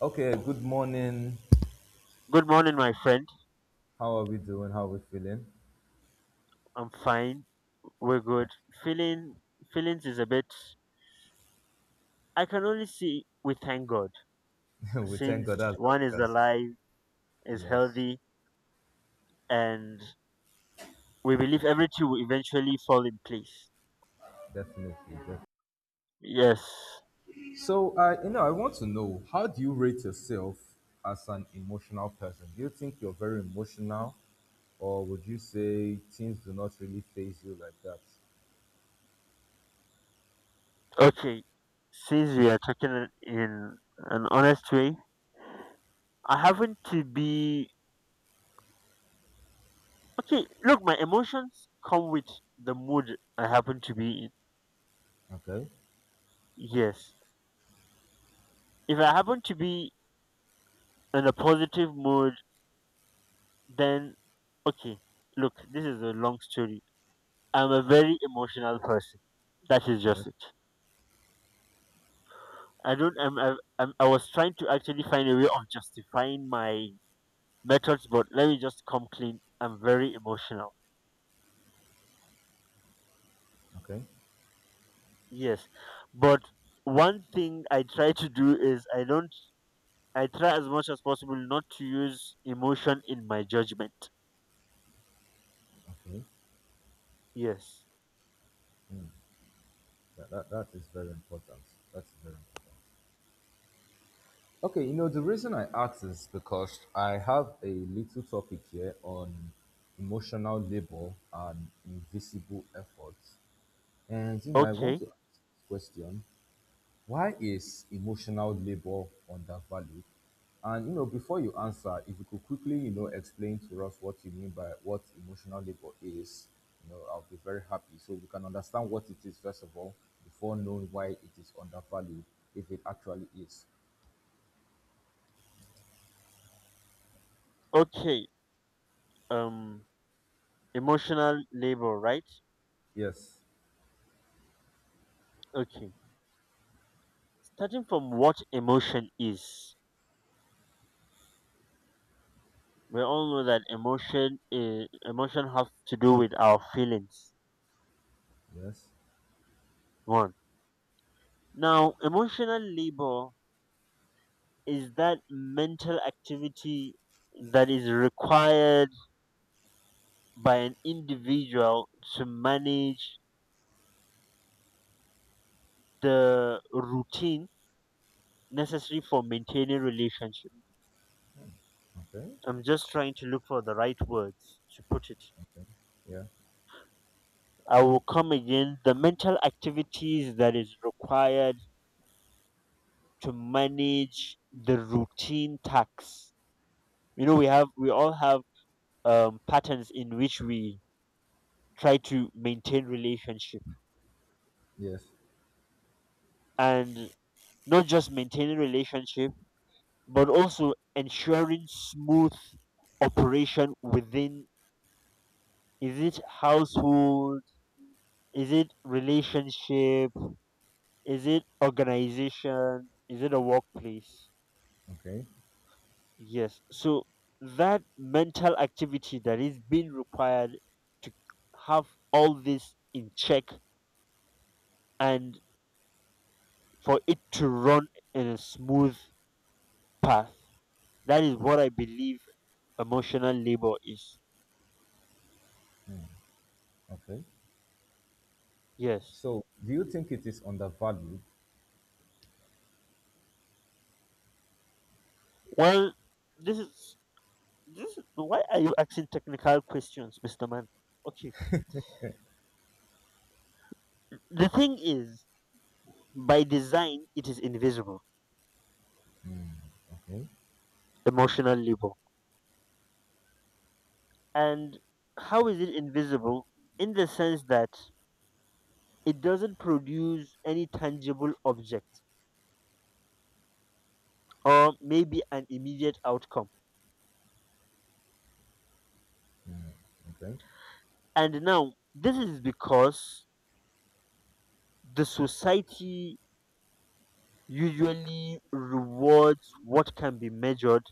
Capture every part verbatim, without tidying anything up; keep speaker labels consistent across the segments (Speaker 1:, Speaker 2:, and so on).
Speaker 1: Okay, good morning.
Speaker 2: Good morning, my friend.
Speaker 1: How are we doing? How are we feeling?
Speaker 2: I'm fine. We're good. Feeling feelings is a bit. I can only see we thank God
Speaker 1: we thank God
Speaker 2: since
Speaker 1: that's what
Speaker 2: one
Speaker 1: we
Speaker 2: is
Speaker 1: can see.
Speaker 2: alive, is
Speaker 1: Yes,
Speaker 2: healthy, and we believe everything will eventually fall in place.
Speaker 1: definitely. Definitely.
Speaker 2: Yes.
Speaker 1: So, uh, you know, I want to know, how do you rate yourself as an emotional person? Do you think you're very emotional, or would you say things do not really phase you like that?
Speaker 2: Okay. Since we are talking in an honest way, I happen to be okay. Look, my emotions come with the mood I happen to be in.
Speaker 1: Okay.
Speaker 2: Yes. If I happen to be in a positive mood. Then okay, look, this is a long story. I'm a very emotional person. That is
Speaker 1: Yes.
Speaker 2: just it. I don't. I'm, I- I'm. I was trying to actually find a way of justifying my methods, but let me just come clean. I'm very emotional.
Speaker 1: Okay.
Speaker 2: Yes, but one thing I try to do is I don't. I try as much as possible not to use emotion in my judgment.
Speaker 1: Okay.
Speaker 2: Yes.
Speaker 1: That, that, that is very important. That's very important. Okay, you know, the reason I ask is because I have a little topic here on emotional labor and invisible efforts. And, you know, I want
Speaker 2: Okay.
Speaker 1: to ask this question, why is emotional labor undervalued? And, you know, before you answer, if you could quickly, you know, explain to us what you mean by what emotional labor is, you know, I'll be very happy. So we can understand what it is, first of all, before knowing why it is undervalued, if it actually is.
Speaker 2: Okay. Um. Emotional labor, right?
Speaker 1: Yes.
Speaker 2: Okay. Starting from what emotion is, we all know that emotion is emotion have to do with our feelings.
Speaker 1: Yes.
Speaker 2: One, now emotional labor is that mental activity that is required by an individual to manage the routine necessary for maintaining relationship.
Speaker 1: Okay.
Speaker 2: I'm just trying to look for the right words to put it.
Speaker 1: Okay. Yeah.
Speaker 2: I will come again. The mental activities that is required to manage the routine tasks. You know, we have we all have um, patterns in which we try to maintain relationship
Speaker 1: Yes.
Speaker 2: and not just maintaining relationship, but also ensuring smooth operation within. Is it household, is it relationship, is it organization, is it a workplace?
Speaker 1: Okay.
Speaker 2: Yes. So that mental activity that is being required to have all this in check and for it to run in a smooth path. That is what I believe emotional labor is.
Speaker 1: Okay.
Speaker 2: Yes.
Speaker 1: So, do you think it is undervalued?
Speaker 2: Well, this is this is, why are you asking technical questions, Mister Man? Okay. The thing is, by design it is invisible,
Speaker 1: Okay.
Speaker 2: emotional labor. And how is it invisible? In the sense that it doesn't produce any tangible object or maybe an immediate outcome.
Speaker 1: Okay.
Speaker 2: And now, this is because the society usually rewards what can be measured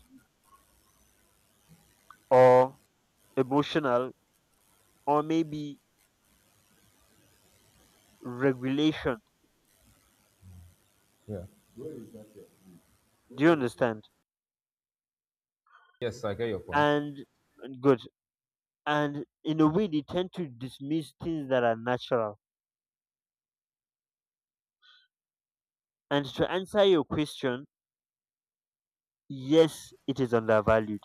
Speaker 2: or emotional or maybe regulation.
Speaker 1: Yeah.
Speaker 2: Do you understand?
Speaker 1: Yes, I get your point.
Speaker 2: And good. And in a way, they tend to dismiss things that are natural. And to answer your question, yes, it is undervalued.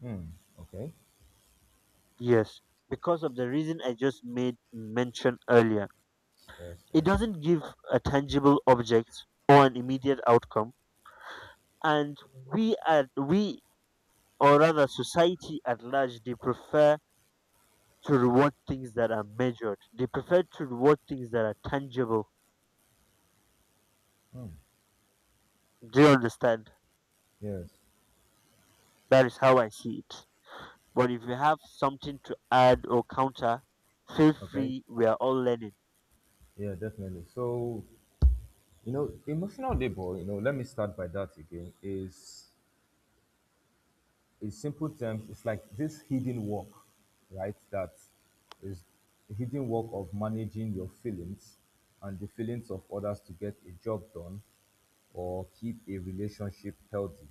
Speaker 1: Hmm. Okay.
Speaker 2: Yes, because of the reason I just made mention earlier.
Speaker 1: Yes.
Speaker 2: It
Speaker 1: Yes.
Speaker 2: doesn't give a tangible object or an immediate outcome, and we at we or rather society at large they prefer to reward things that are measured. They prefer to reward things that are tangible.
Speaker 1: Hmm.
Speaker 2: Do you understand?
Speaker 1: Yes.
Speaker 2: That is how I see it. But if you have something to add or counter, feel
Speaker 1: Okay.
Speaker 2: free. We are all learning.
Speaker 1: Yeah. Definitely. So, you know, emotional labor. You know, let me start by that again. Is, in simple terms, it's like this hidden work, right? That is the hidden work of managing your feelings and the feelings of others to get a job done or keep a relationship healthy.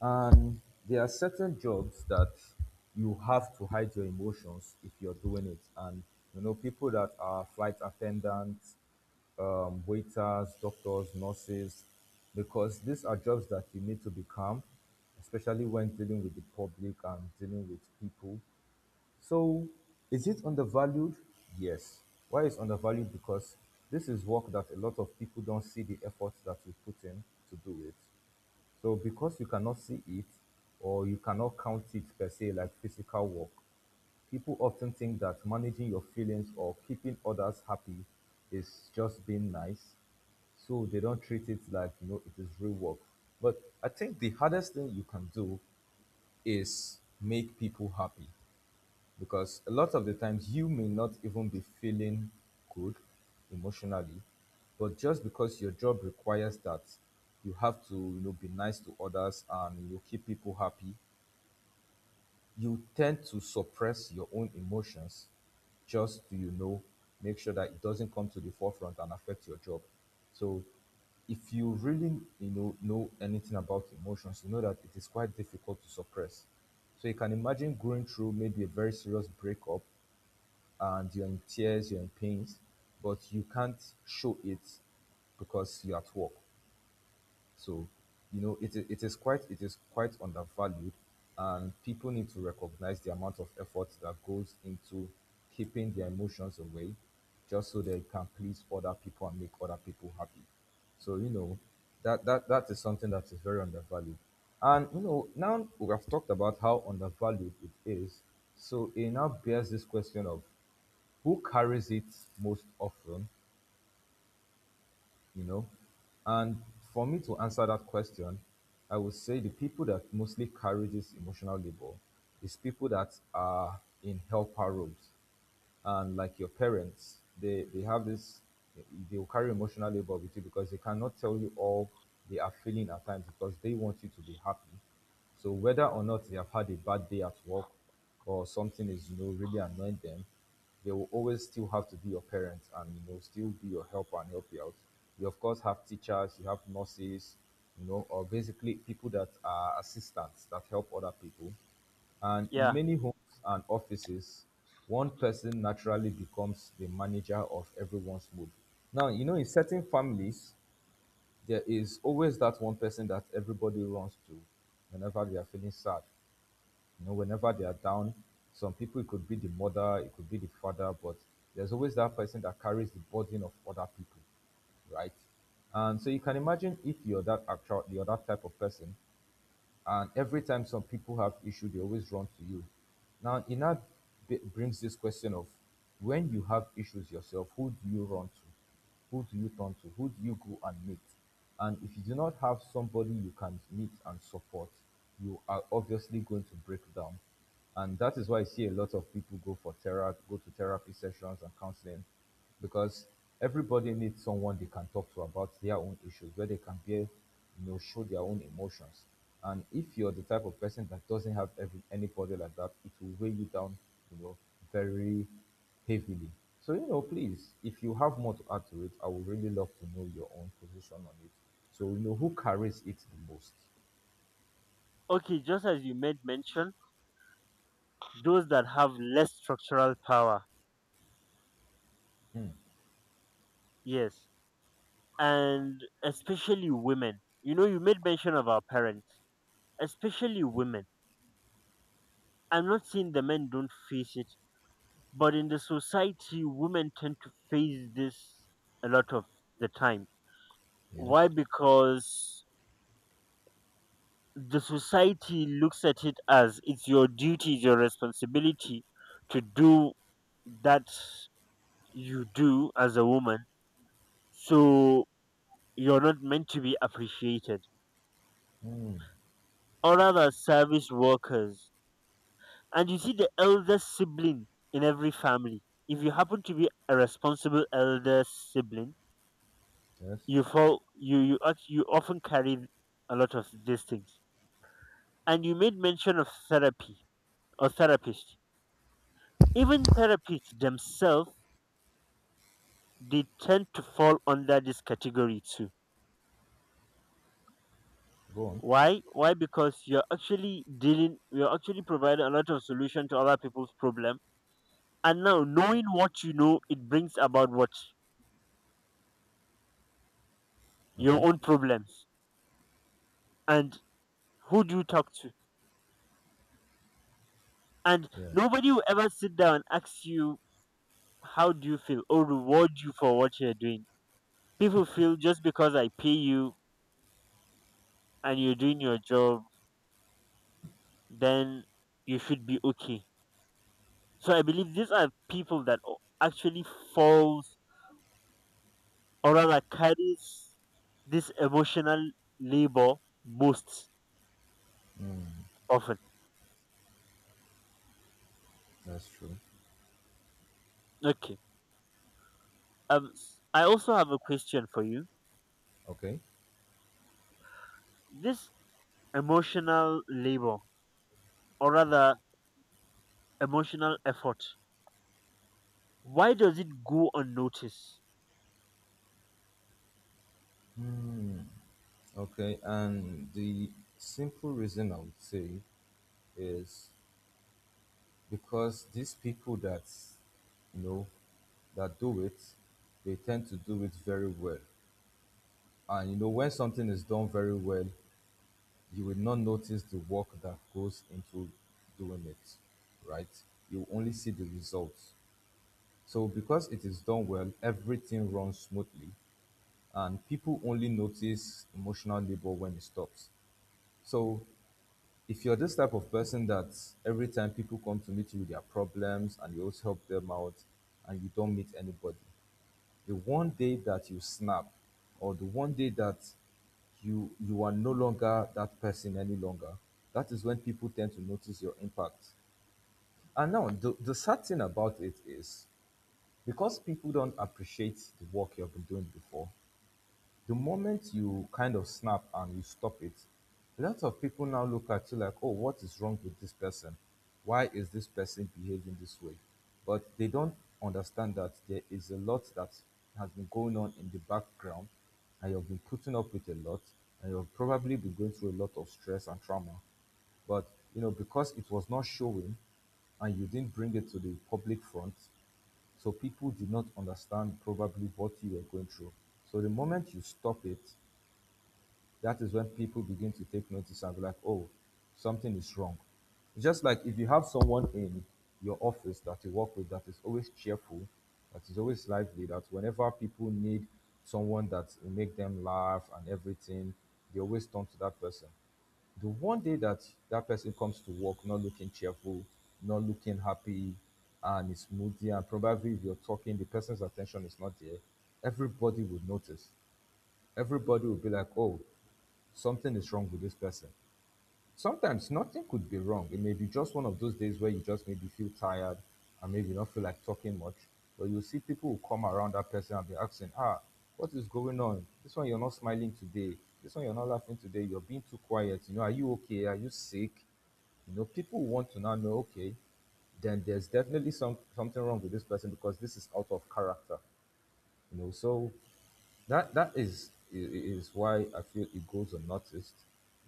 Speaker 1: And there are certain jobs that you have to hide your emotions if you're doing it. And you know, people that are flight attendants, um, waiters, doctors, nurses, because these are jobs that you need to be calm, especially when dealing with the public and dealing with people. So, is it undervalued? Yes. Why is undervalued? Because this is work that a lot of people don't see the effort that we put in to do it. So because you cannot see it or you cannot count it per se like physical work, people often think that managing your feelings or keeping others happy is just being nice. So they don't treat it like you know it is real work. But I think the hardest thing you can do is make people happy, because a lot of the times you may not even be feeling good emotionally, but just because your job requires that you have to you know be nice to others and you keep people happy, you tend to suppress your own emotions just to you know make sure that it doesn't come to the forefront and affect your job. So if you really you know know anything about emotions, you know that it is quite difficult to suppress. So you can imagine going through maybe a very serious breakup, and you're in tears, you're in pains, but you can't show it because you're at work. So, you know, it, it is quite it is quite undervalued, and people need to recognize the amount of effort that goes into keeping their emotions away, just so they can please other people and make other people happy. So, you know, that that that is something that is very undervalued. And you know, now we have talked about how undervalued it is. So it now bears this question of who carries it most often, you know? And for me to answer that question, I would say the people that mostly carry this emotional labor is people that are in helper roles. And like your parents, they they have this, they will carry emotional labor with you because they cannot tell you all they are feeling at times because they want you to be happy. So whether or not they have had a bad day at work or something is you know really annoying them, they will always still have to be your parents, and you know still be your helper and help you out. You of course have teachers, you have nurses, you know, or basically people that are assistants that help other people. And in
Speaker 2: Yeah.
Speaker 1: many homes and offices, one person naturally becomes the manager of everyone's mood. Now, you know, in certain families, there is always that one person that everybody runs to whenever they are feeling sad. You know, whenever they are down, some people, it could be the mother, it could be the father, but there's always that person that carries the burden of other people, right? And so you can imagine if you're that actual, you're that type of person, and every time some people have issue they always run to you. Now it now b- brings this question of, when you have issues yourself, who do you run to, who do you turn to, who do you go and meet? And if you do not have somebody you can meet and support, you are obviously going to break down. And that is why I see a lot of people go for therapy, go to therapy sessions and counseling, because everybody needs someone they can talk to about their own issues, where they can be, you know, show their own emotions. And if you're the type of person that doesn't have every, anybody like that, it will weigh you down, you know, very heavily. So you know, please, if you have more to add to it, I would really love to know your own position on it. So you know who carries it the most.
Speaker 2: Okay, just as you made mention, those that have less structural power. Yes, and especially women. You know, you made mention of our parents, especially women. I'm not saying the men don't face it, but in the society, women tend to face this a lot of the time.
Speaker 1: Yes.
Speaker 2: Why? Because the society looks at it as it's your duty, it's your responsibility to do that you do as a woman. So you're not meant to be appreciated. Or rather, service workers. And you see the eldest sibling in every family. If you happen to be a responsible elder sibling,
Speaker 1: Yes.
Speaker 2: you fall you you act- you often carry a lot of these things. And you made mention of therapy or therapist. Even therapists themselves they tend to fall under this category too.
Speaker 1: Go on.
Speaker 2: Why? Why? Because you're actually dealing you're actually providing a lot of solution to other people's problem. And now knowing what you know, it brings about what your
Speaker 1: Okay.
Speaker 2: own problems. And who do you talk to? And
Speaker 1: Yeah.
Speaker 2: nobody will ever sit down and ask you how do you feel or reward you for what you're doing. People feel just because I pay you and you're doing your job, then you should be okay. So I believe these are people that o- actually falls or rather carries this emotional labor most
Speaker 1: Mm.
Speaker 2: often.
Speaker 1: That's true.
Speaker 2: Okay. Um s- I also have a question for you.
Speaker 1: Okay.
Speaker 2: This emotional labor or rather emotional effort, why does it go unnoticed?
Speaker 1: Okay. And the simple reason I would say is because these people that you know that do it, they tend to do it very well. And you know, when something is done very well, you will not notice the work that goes into doing it, right? You only see the results. So because it is done well, everything runs smoothly, and people only notice emotional labor when it stops. So if you're this type of person that every time people come to meet you with their problems and you always help them out, and you don't meet anybody, the one day that you snap, or the one day that you you are no longer that person any longer, that is when people tend to notice your impact. And now, the, the sad thing about it is, because people don't appreciate the work you've been doing before, the moment you kind of snap and you stop it, a lot of people now look at you like, oh, what is wrong with this person? Why is this person behaving this way? But they don't understand that there is a lot that has been going on in the background, and you've been putting up with a lot, and you've probably been going through a lot of stress and trauma. But you know, because it was not showing, and you didn't bring it to the public front, so people did not understand probably what you were going through. So the moment you stop it, that is when people begin to take notice and be like, oh, something is wrong. Just like if you have someone in your office that you work with that is always cheerful, that is always lively, that whenever people need someone that will make them laugh and everything, they always turn to that person. The one day that that person comes to work not looking cheerful, not looking happy, and is moody, and probably if you're talking, the person's attention is not there, everybody would notice. Everybody would be like, oh, something is wrong with this person. Sometimes nothing could be wrong. It may be just one of those days where you just maybe feel tired, and maybe not feel like talking much. But you see people who come around that person and be asking, ah, what is going on? This one you're not smiling today. This one you're not laughing today. You're being too quiet. You know, are you okay? Are you sick? You know, people want to now know, okay, then there's definitely some something wrong with this person because this is out of character. You know so that that is i- i- is why I feel it goes unnoticed,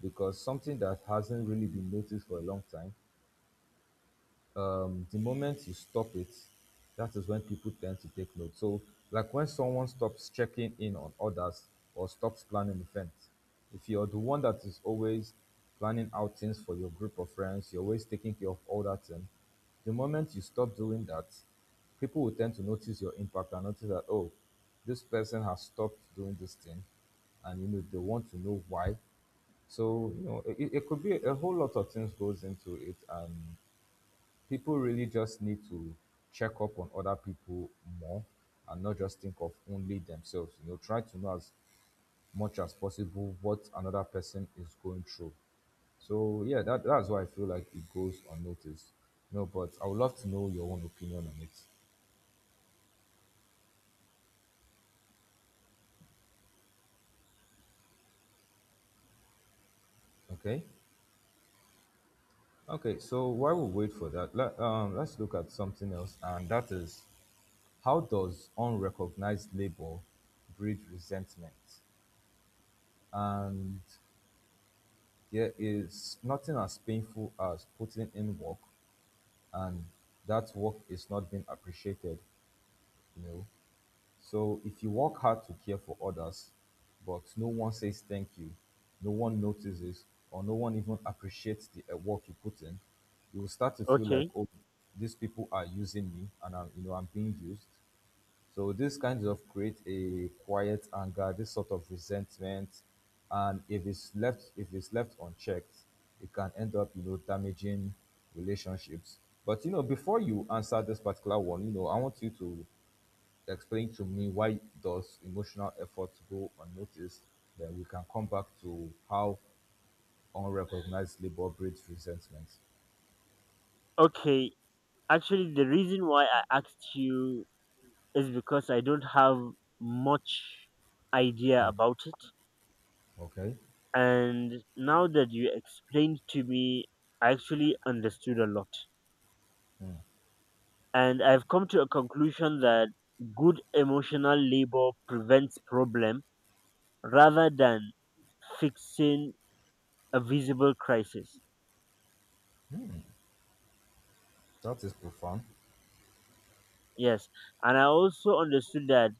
Speaker 1: because something that hasn't really been noticed for a long time, um, the moment you stop it, that is when people tend to take note. So, like when someone stops checking in on others or stops planning events, if you're the one that is always planning outings for your group of friends, you're always taking care of all that thing, the moment you stop doing that, people will tend to notice your impact and notice that, oh, this person has stopped doing this thing, and you know they want to know why. So you know it, it could be a whole lot of things goes into it, and people really just need to check up on other people more, and not just think of only themselves. You know, try to know as much as possible what another person is going through. So yeah, that, that's why I feel like it goes unnoticed. No, but I would love to know your own opinion on it. Okay. Okay. So while we wait for that, let, um, let's look at something else, and that is how does unrecognized labor breed resentment? And there is nothing as painful as putting in work and that work is not being appreciated, you know. So if you work hard to care for others, but no one says thank you, no one notices, or no one even appreciates the uh, work you put in, you will start to feel like,
Speaker 2: Okay,
Speaker 1: oh, these people are using me and I'm, you know, I'm being used. So this kind of create a quiet anger, this sort of resentment, and if it's left if it's left unchecked, it can end up, you know, damaging relationships. But you know, before you answer this particular one, you know I want you to explain to me, why does emotional effort go unnoticed? Then we can come back to how unrecognized labor breeds resentment.
Speaker 2: okay. Actually, the reason why I asked you is because I don't have much idea
Speaker 1: Okay,
Speaker 2: about it,
Speaker 1: okay,
Speaker 2: and now that you explained to me, I actually understood a lot. And I've come to a conclusion that good emotional labor prevents problem rather than fixing a visible crisis.
Speaker 1: that is profound.
Speaker 2: Yes, and I also understood that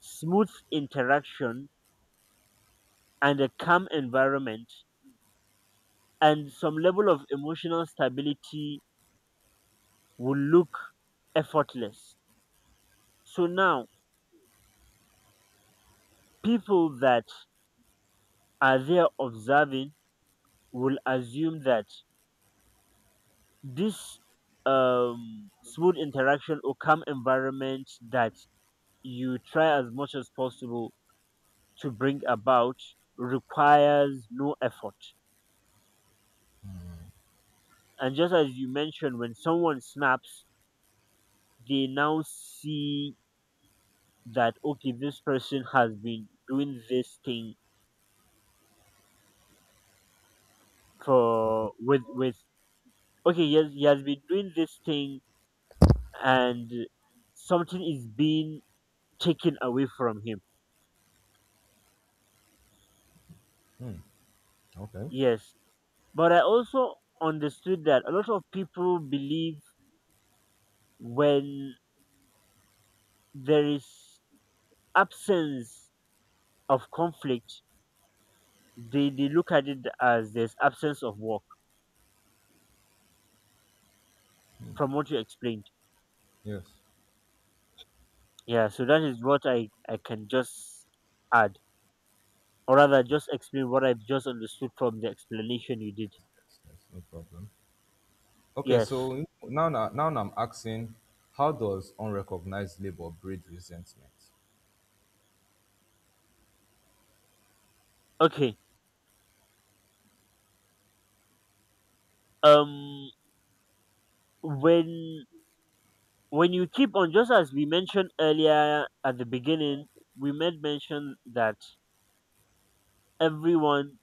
Speaker 2: smooth interaction and a calm environment and some level of emotional stability will look effortless. So now, people that are there observing will assume that this um, smooth interaction or calm environment that you try as much as possible to bring about requires no effort. And just as you mentioned, when someone snaps, they now see that, okay, this person has been doing this thing
Speaker 1: Okay,
Speaker 2: for with with okay yes he has been doing this thing, and something is being taken away from him.
Speaker 1: hmm. Okay,
Speaker 2: Yes, but I also understood that a lot of people believe when there is absence of conflict, they, they look at it as there's absence of work from what you explained.
Speaker 1: yes,
Speaker 2: Yeah, so that is what i i can just add or rather just explain what I've just understood from the explanation you did.
Speaker 1: yes, yes, no problem. Okay,
Speaker 2: Yes.
Speaker 1: so now, now, now I'm asking, how does unrecognized labor breed resentment?
Speaker 2: Okay. Um when when you keep on, just as we mentioned earlier at the beginning, we made mention that everyone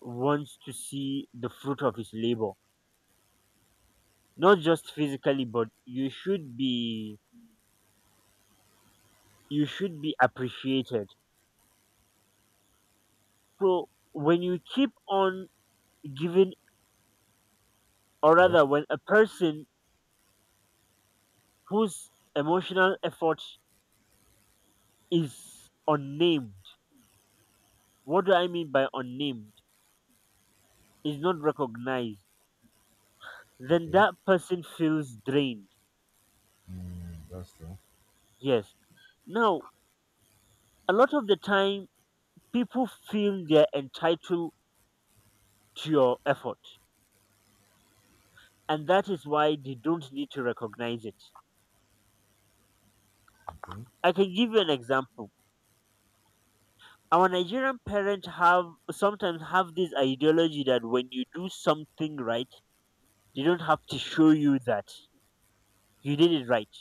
Speaker 2: wants to see the fruit of his labor. Not just physically, but you should be you should be appreciated. So when you keep on giving or
Speaker 1: Yeah.
Speaker 2: rather when a person whose emotional effort is unnamed. What do I mean by unnamed? Is not recognized. Then
Speaker 1: Okay.
Speaker 2: that person feels drained.
Speaker 1: Mm, that's true.
Speaker 2: Yes. Now, a lot of the time, people feel they're entitled to your effort, and that is why they don't need to recognize it.
Speaker 1: Okay.
Speaker 2: I can give you an example. Our Nigerian parents have sometimes have this ideology that when you do something right, they don't have to show you that you did it right.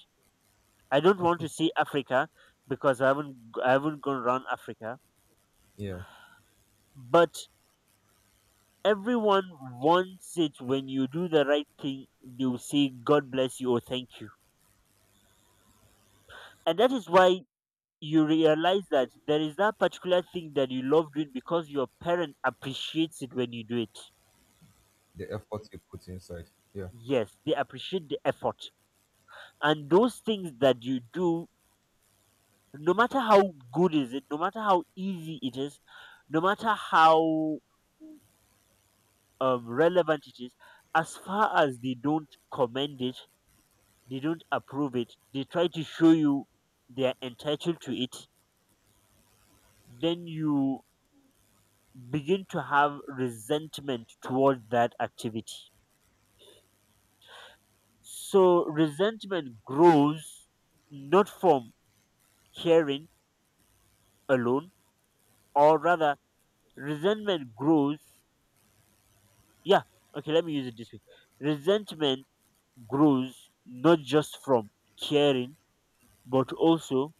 Speaker 2: I don't want to see Africa because I haven't g- I haven't gone around Africa.
Speaker 1: Yeah.
Speaker 2: But everyone wants it, when you do the right thing, they'll say God bless you or thank you. And that is why you realize that there is that particular thing that you love doing because your parent appreciates it when you do it.
Speaker 1: The effort you put inside. Yeah.
Speaker 2: Yes, they appreciate the effort. And those things that you do, no matter how good is it, no matter how easy it is, no matter how um, relevant it is, as far as they don't commend it, they don't approve it, they try to show you they are entitled to it, then you begin to have resentment toward that activity. So resentment grows not from caring alone, or rather, resentment grows. Yeah, okay, let me use it this way. Resentment grows not just from caring, but also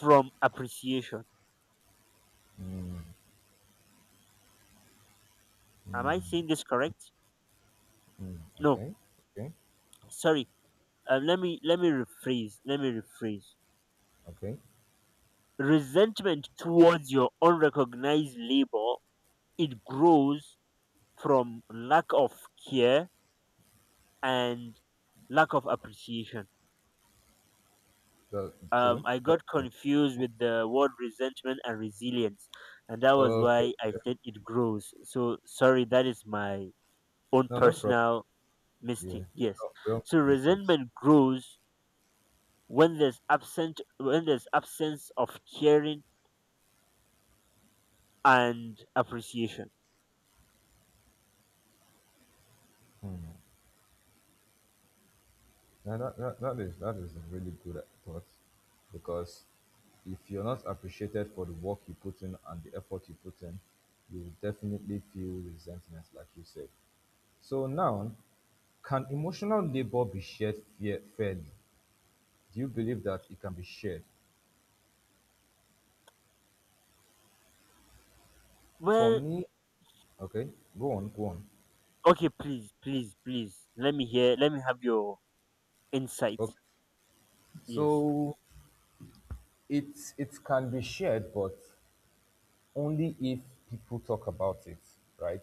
Speaker 2: from appreciation. Am I saying this correct?
Speaker 1: Mm,
Speaker 2: No,
Speaker 1: okay. Okay.
Speaker 2: sorry. Uh, let me let me rephrase. Let me rephrase.
Speaker 1: Okay.
Speaker 2: Resentment towards your unrecognized labor, it grows from lack of care and lack of appreciation.
Speaker 1: That's true.
Speaker 2: Um, I
Speaker 1: That's
Speaker 2: got
Speaker 1: true.
Speaker 2: confused with the word resentment and resilience, and that was
Speaker 1: Okay.
Speaker 2: why I
Speaker 1: Yeah.
Speaker 2: said it grows. So sorry, that is my own
Speaker 1: No, no problem.
Speaker 2: personal mistake.
Speaker 1: Yeah. We
Speaker 2: Yes.
Speaker 1: all, we all
Speaker 2: So
Speaker 1: make mistakes.
Speaker 2: resentment grows when there's absent when there's absence of caring and appreciation.
Speaker 1: Yeah, that, that, that is that is a really good thought because if you're not appreciated for the work you put in and the effort you put in, you will definitely feel resentment, like you said. So now, can emotional labor be shared fair, fairly? Do you believe that it can be shared? For
Speaker 2: Well,
Speaker 1: me, okay, go on, go on.
Speaker 2: okay, please, please, please. Let me hear. Let me have your insight.
Speaker 1: Okay,
Speaker 2: Yes,
Speaker 1: so it it can be shared, but only if people talk about it, right?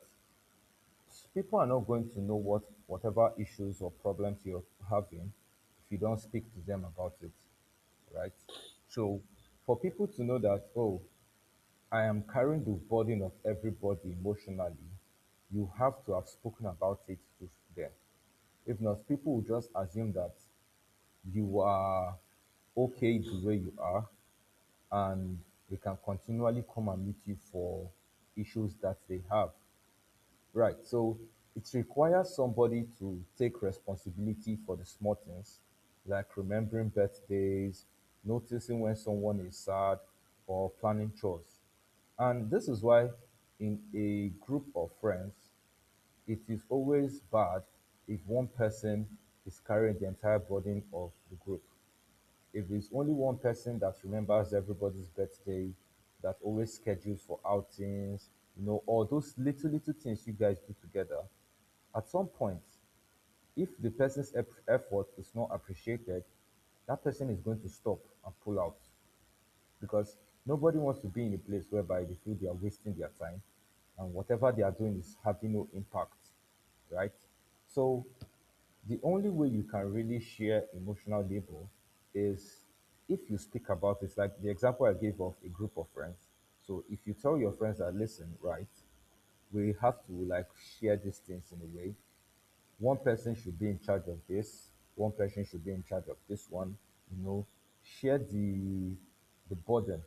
Speaker 1: People are not going to know what whatever issues or problems you're having if you don't speak to them about it, right? So for people to know that, oh, I am carrying the burden of everybody emotionally, you have to have spoken about it to them. If not, people will just assume that you are okay the way you are and they can continually come and meet you for issues that they have. Right. So it requires somebody to take responsibility for the small things, like remembering birthdays, noticing when someone is sad, or planning chores. And this is why, in a group of friends, it is always bad if one person is carrying the entire burden of the group. If it's only one person that remembers everybody's birthday, that always schedules for outings, you know, all those little, little things you guys do together, at some point, if the person's ep- effort is not appreciated, that person is going to stop and pull out because nobody wants to be in a place whereby they feel they are wasting their time and whatever they are doing is having no impact, right? So the only way you can really share emotional labor is if you speak about it, like the example I gave of a group of friends. So if you tell your friends that, listen, right, we have to, like, share these things in a way. One person should be in charge of this, one person should be in charge of this one, you know. Share the the burden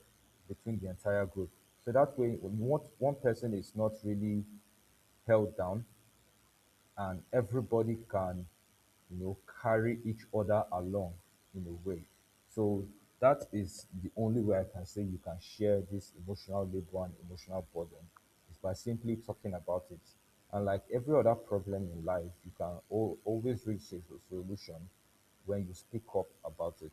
Speaker 1: between the entire group, so that way when one, one person is not really held down and everybody can, you know, carry each other along in a way. So that is the only way I can say you can share this emotional labor and emotional burden, is by simply talking about it. And like every other problem in life, you can al- always reach a solution when you speak up about it.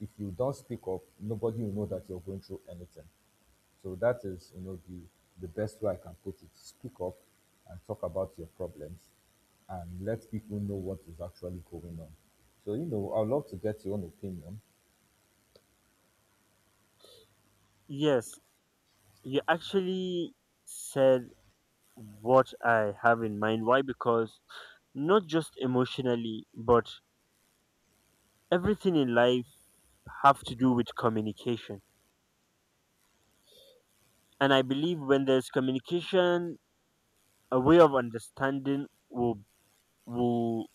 Speaker 1: If you don't speak up, nobody will know that you're going through anything. So that is, you know, the, the best way I can put it. Speak up and talk about your problems and let people know what is actually going on. So, you know, I'd love to get your own opinion.
Speaker 2: yes. You actually said what I have in mind. Why? Because not just emotionally, but everything in life have to do with communication. And I believe when there's communication, a way of understanding will will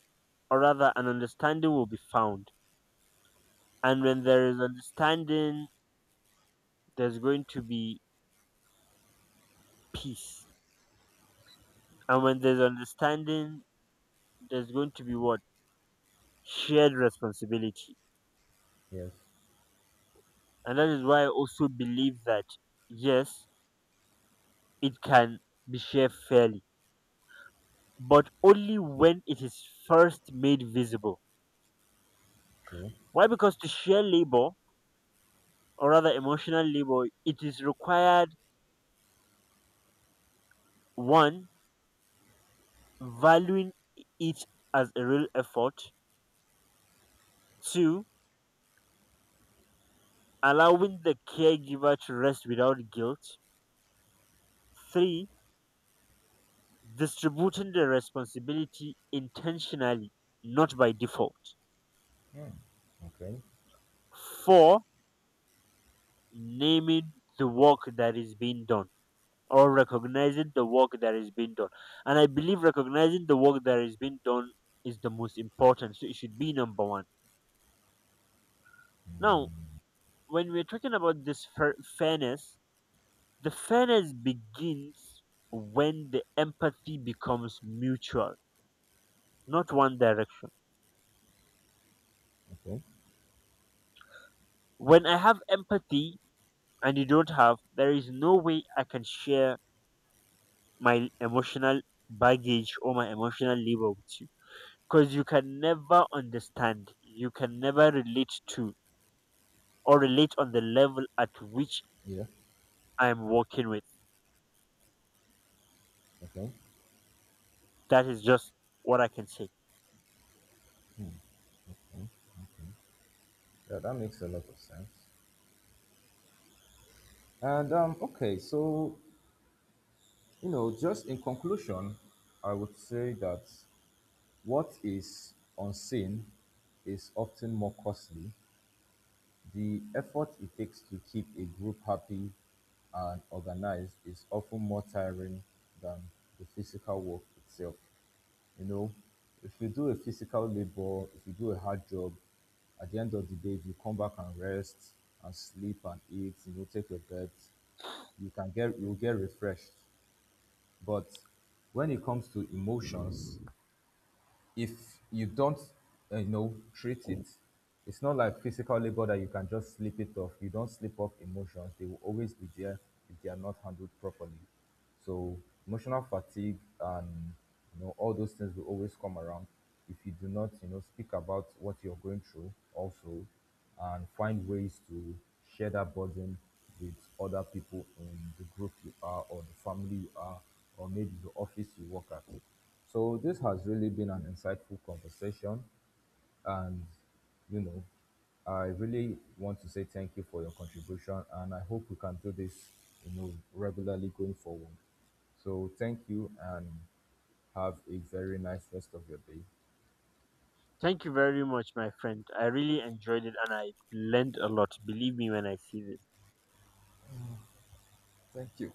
Speaker 2: or rather an understanding will be found. And when there is understanding, there's going to be peace. And when there's understanding, there's going to be what, shared responsibility.
Speaker 1: Yes,
Speaker 2: And that is why I also believe that yes, it can be shared fairly, but only when it is first made visible.
Speaker 1: true.
Speaker 2: Why? Because to share labor or rather emotional labor, it is required. One, valuing it as a real effort. Two, allowing the caregiver to rest without guilt. Three, distributing the responsibility intentionally, not by default.
Speaker 1: Hmm. Okay,
Speaker 2: Four, naming the work that is being done or recognizing the work that is being done. And I believe recognizing the work that is being done is the most important. So it should be number one. Now, when we're talking about this fair- fairness, the fairness begins when the empathy becomes mutual, not one direction.
Speaker 1: okay.
Speaker 2: When I have empathy and you don't have, there is no way I can share my emotional baggage or my emotional labor with you. Because you can never understand, you can never relate to, or relate on the level at which
Speaker 1: Yeah,
Speaker 2: I'm working with.
Speaker 1: okay.
Speaker 2: That is just what I can say.
Speaker 1: Mm. Yeah, that makes a lot of sense. And um, okay, so, you know, just in conclusion, I would say that what is unseen is often more costly. The effort it takes to keep a group happy and organized is often more tiring than the physical work itself. You know, if you do a physical labor, if you do a hard job, at the end of the day, if you come back and rest and sleep and eat, you know, take your bed, you can get you'll get refreshed. But when it comes to emotions, if you don't, uh, you know, treat it, it's not like physical labor that you can just slip it off. You don't slip off emotions; they will always be there if they are not handled properly. So emotional fatigue and, you know, all those things will always come around if you do not, you know, speak about what you're going through also, and find ways to share that burden with other people in the group you are or the family you are or maybe the office you work at. So this has really been an insightful conversation, and, you know, I really want to say thank you for your contribution, and I hope we can do this, you know, regularly going forward. So thank you, and have a very nice rest of your day.
Speaker 2: Thank you very much, my friend. I really enjoyed it and I learned a lot. Believe me when I see this.
Speaker 1: Thank you.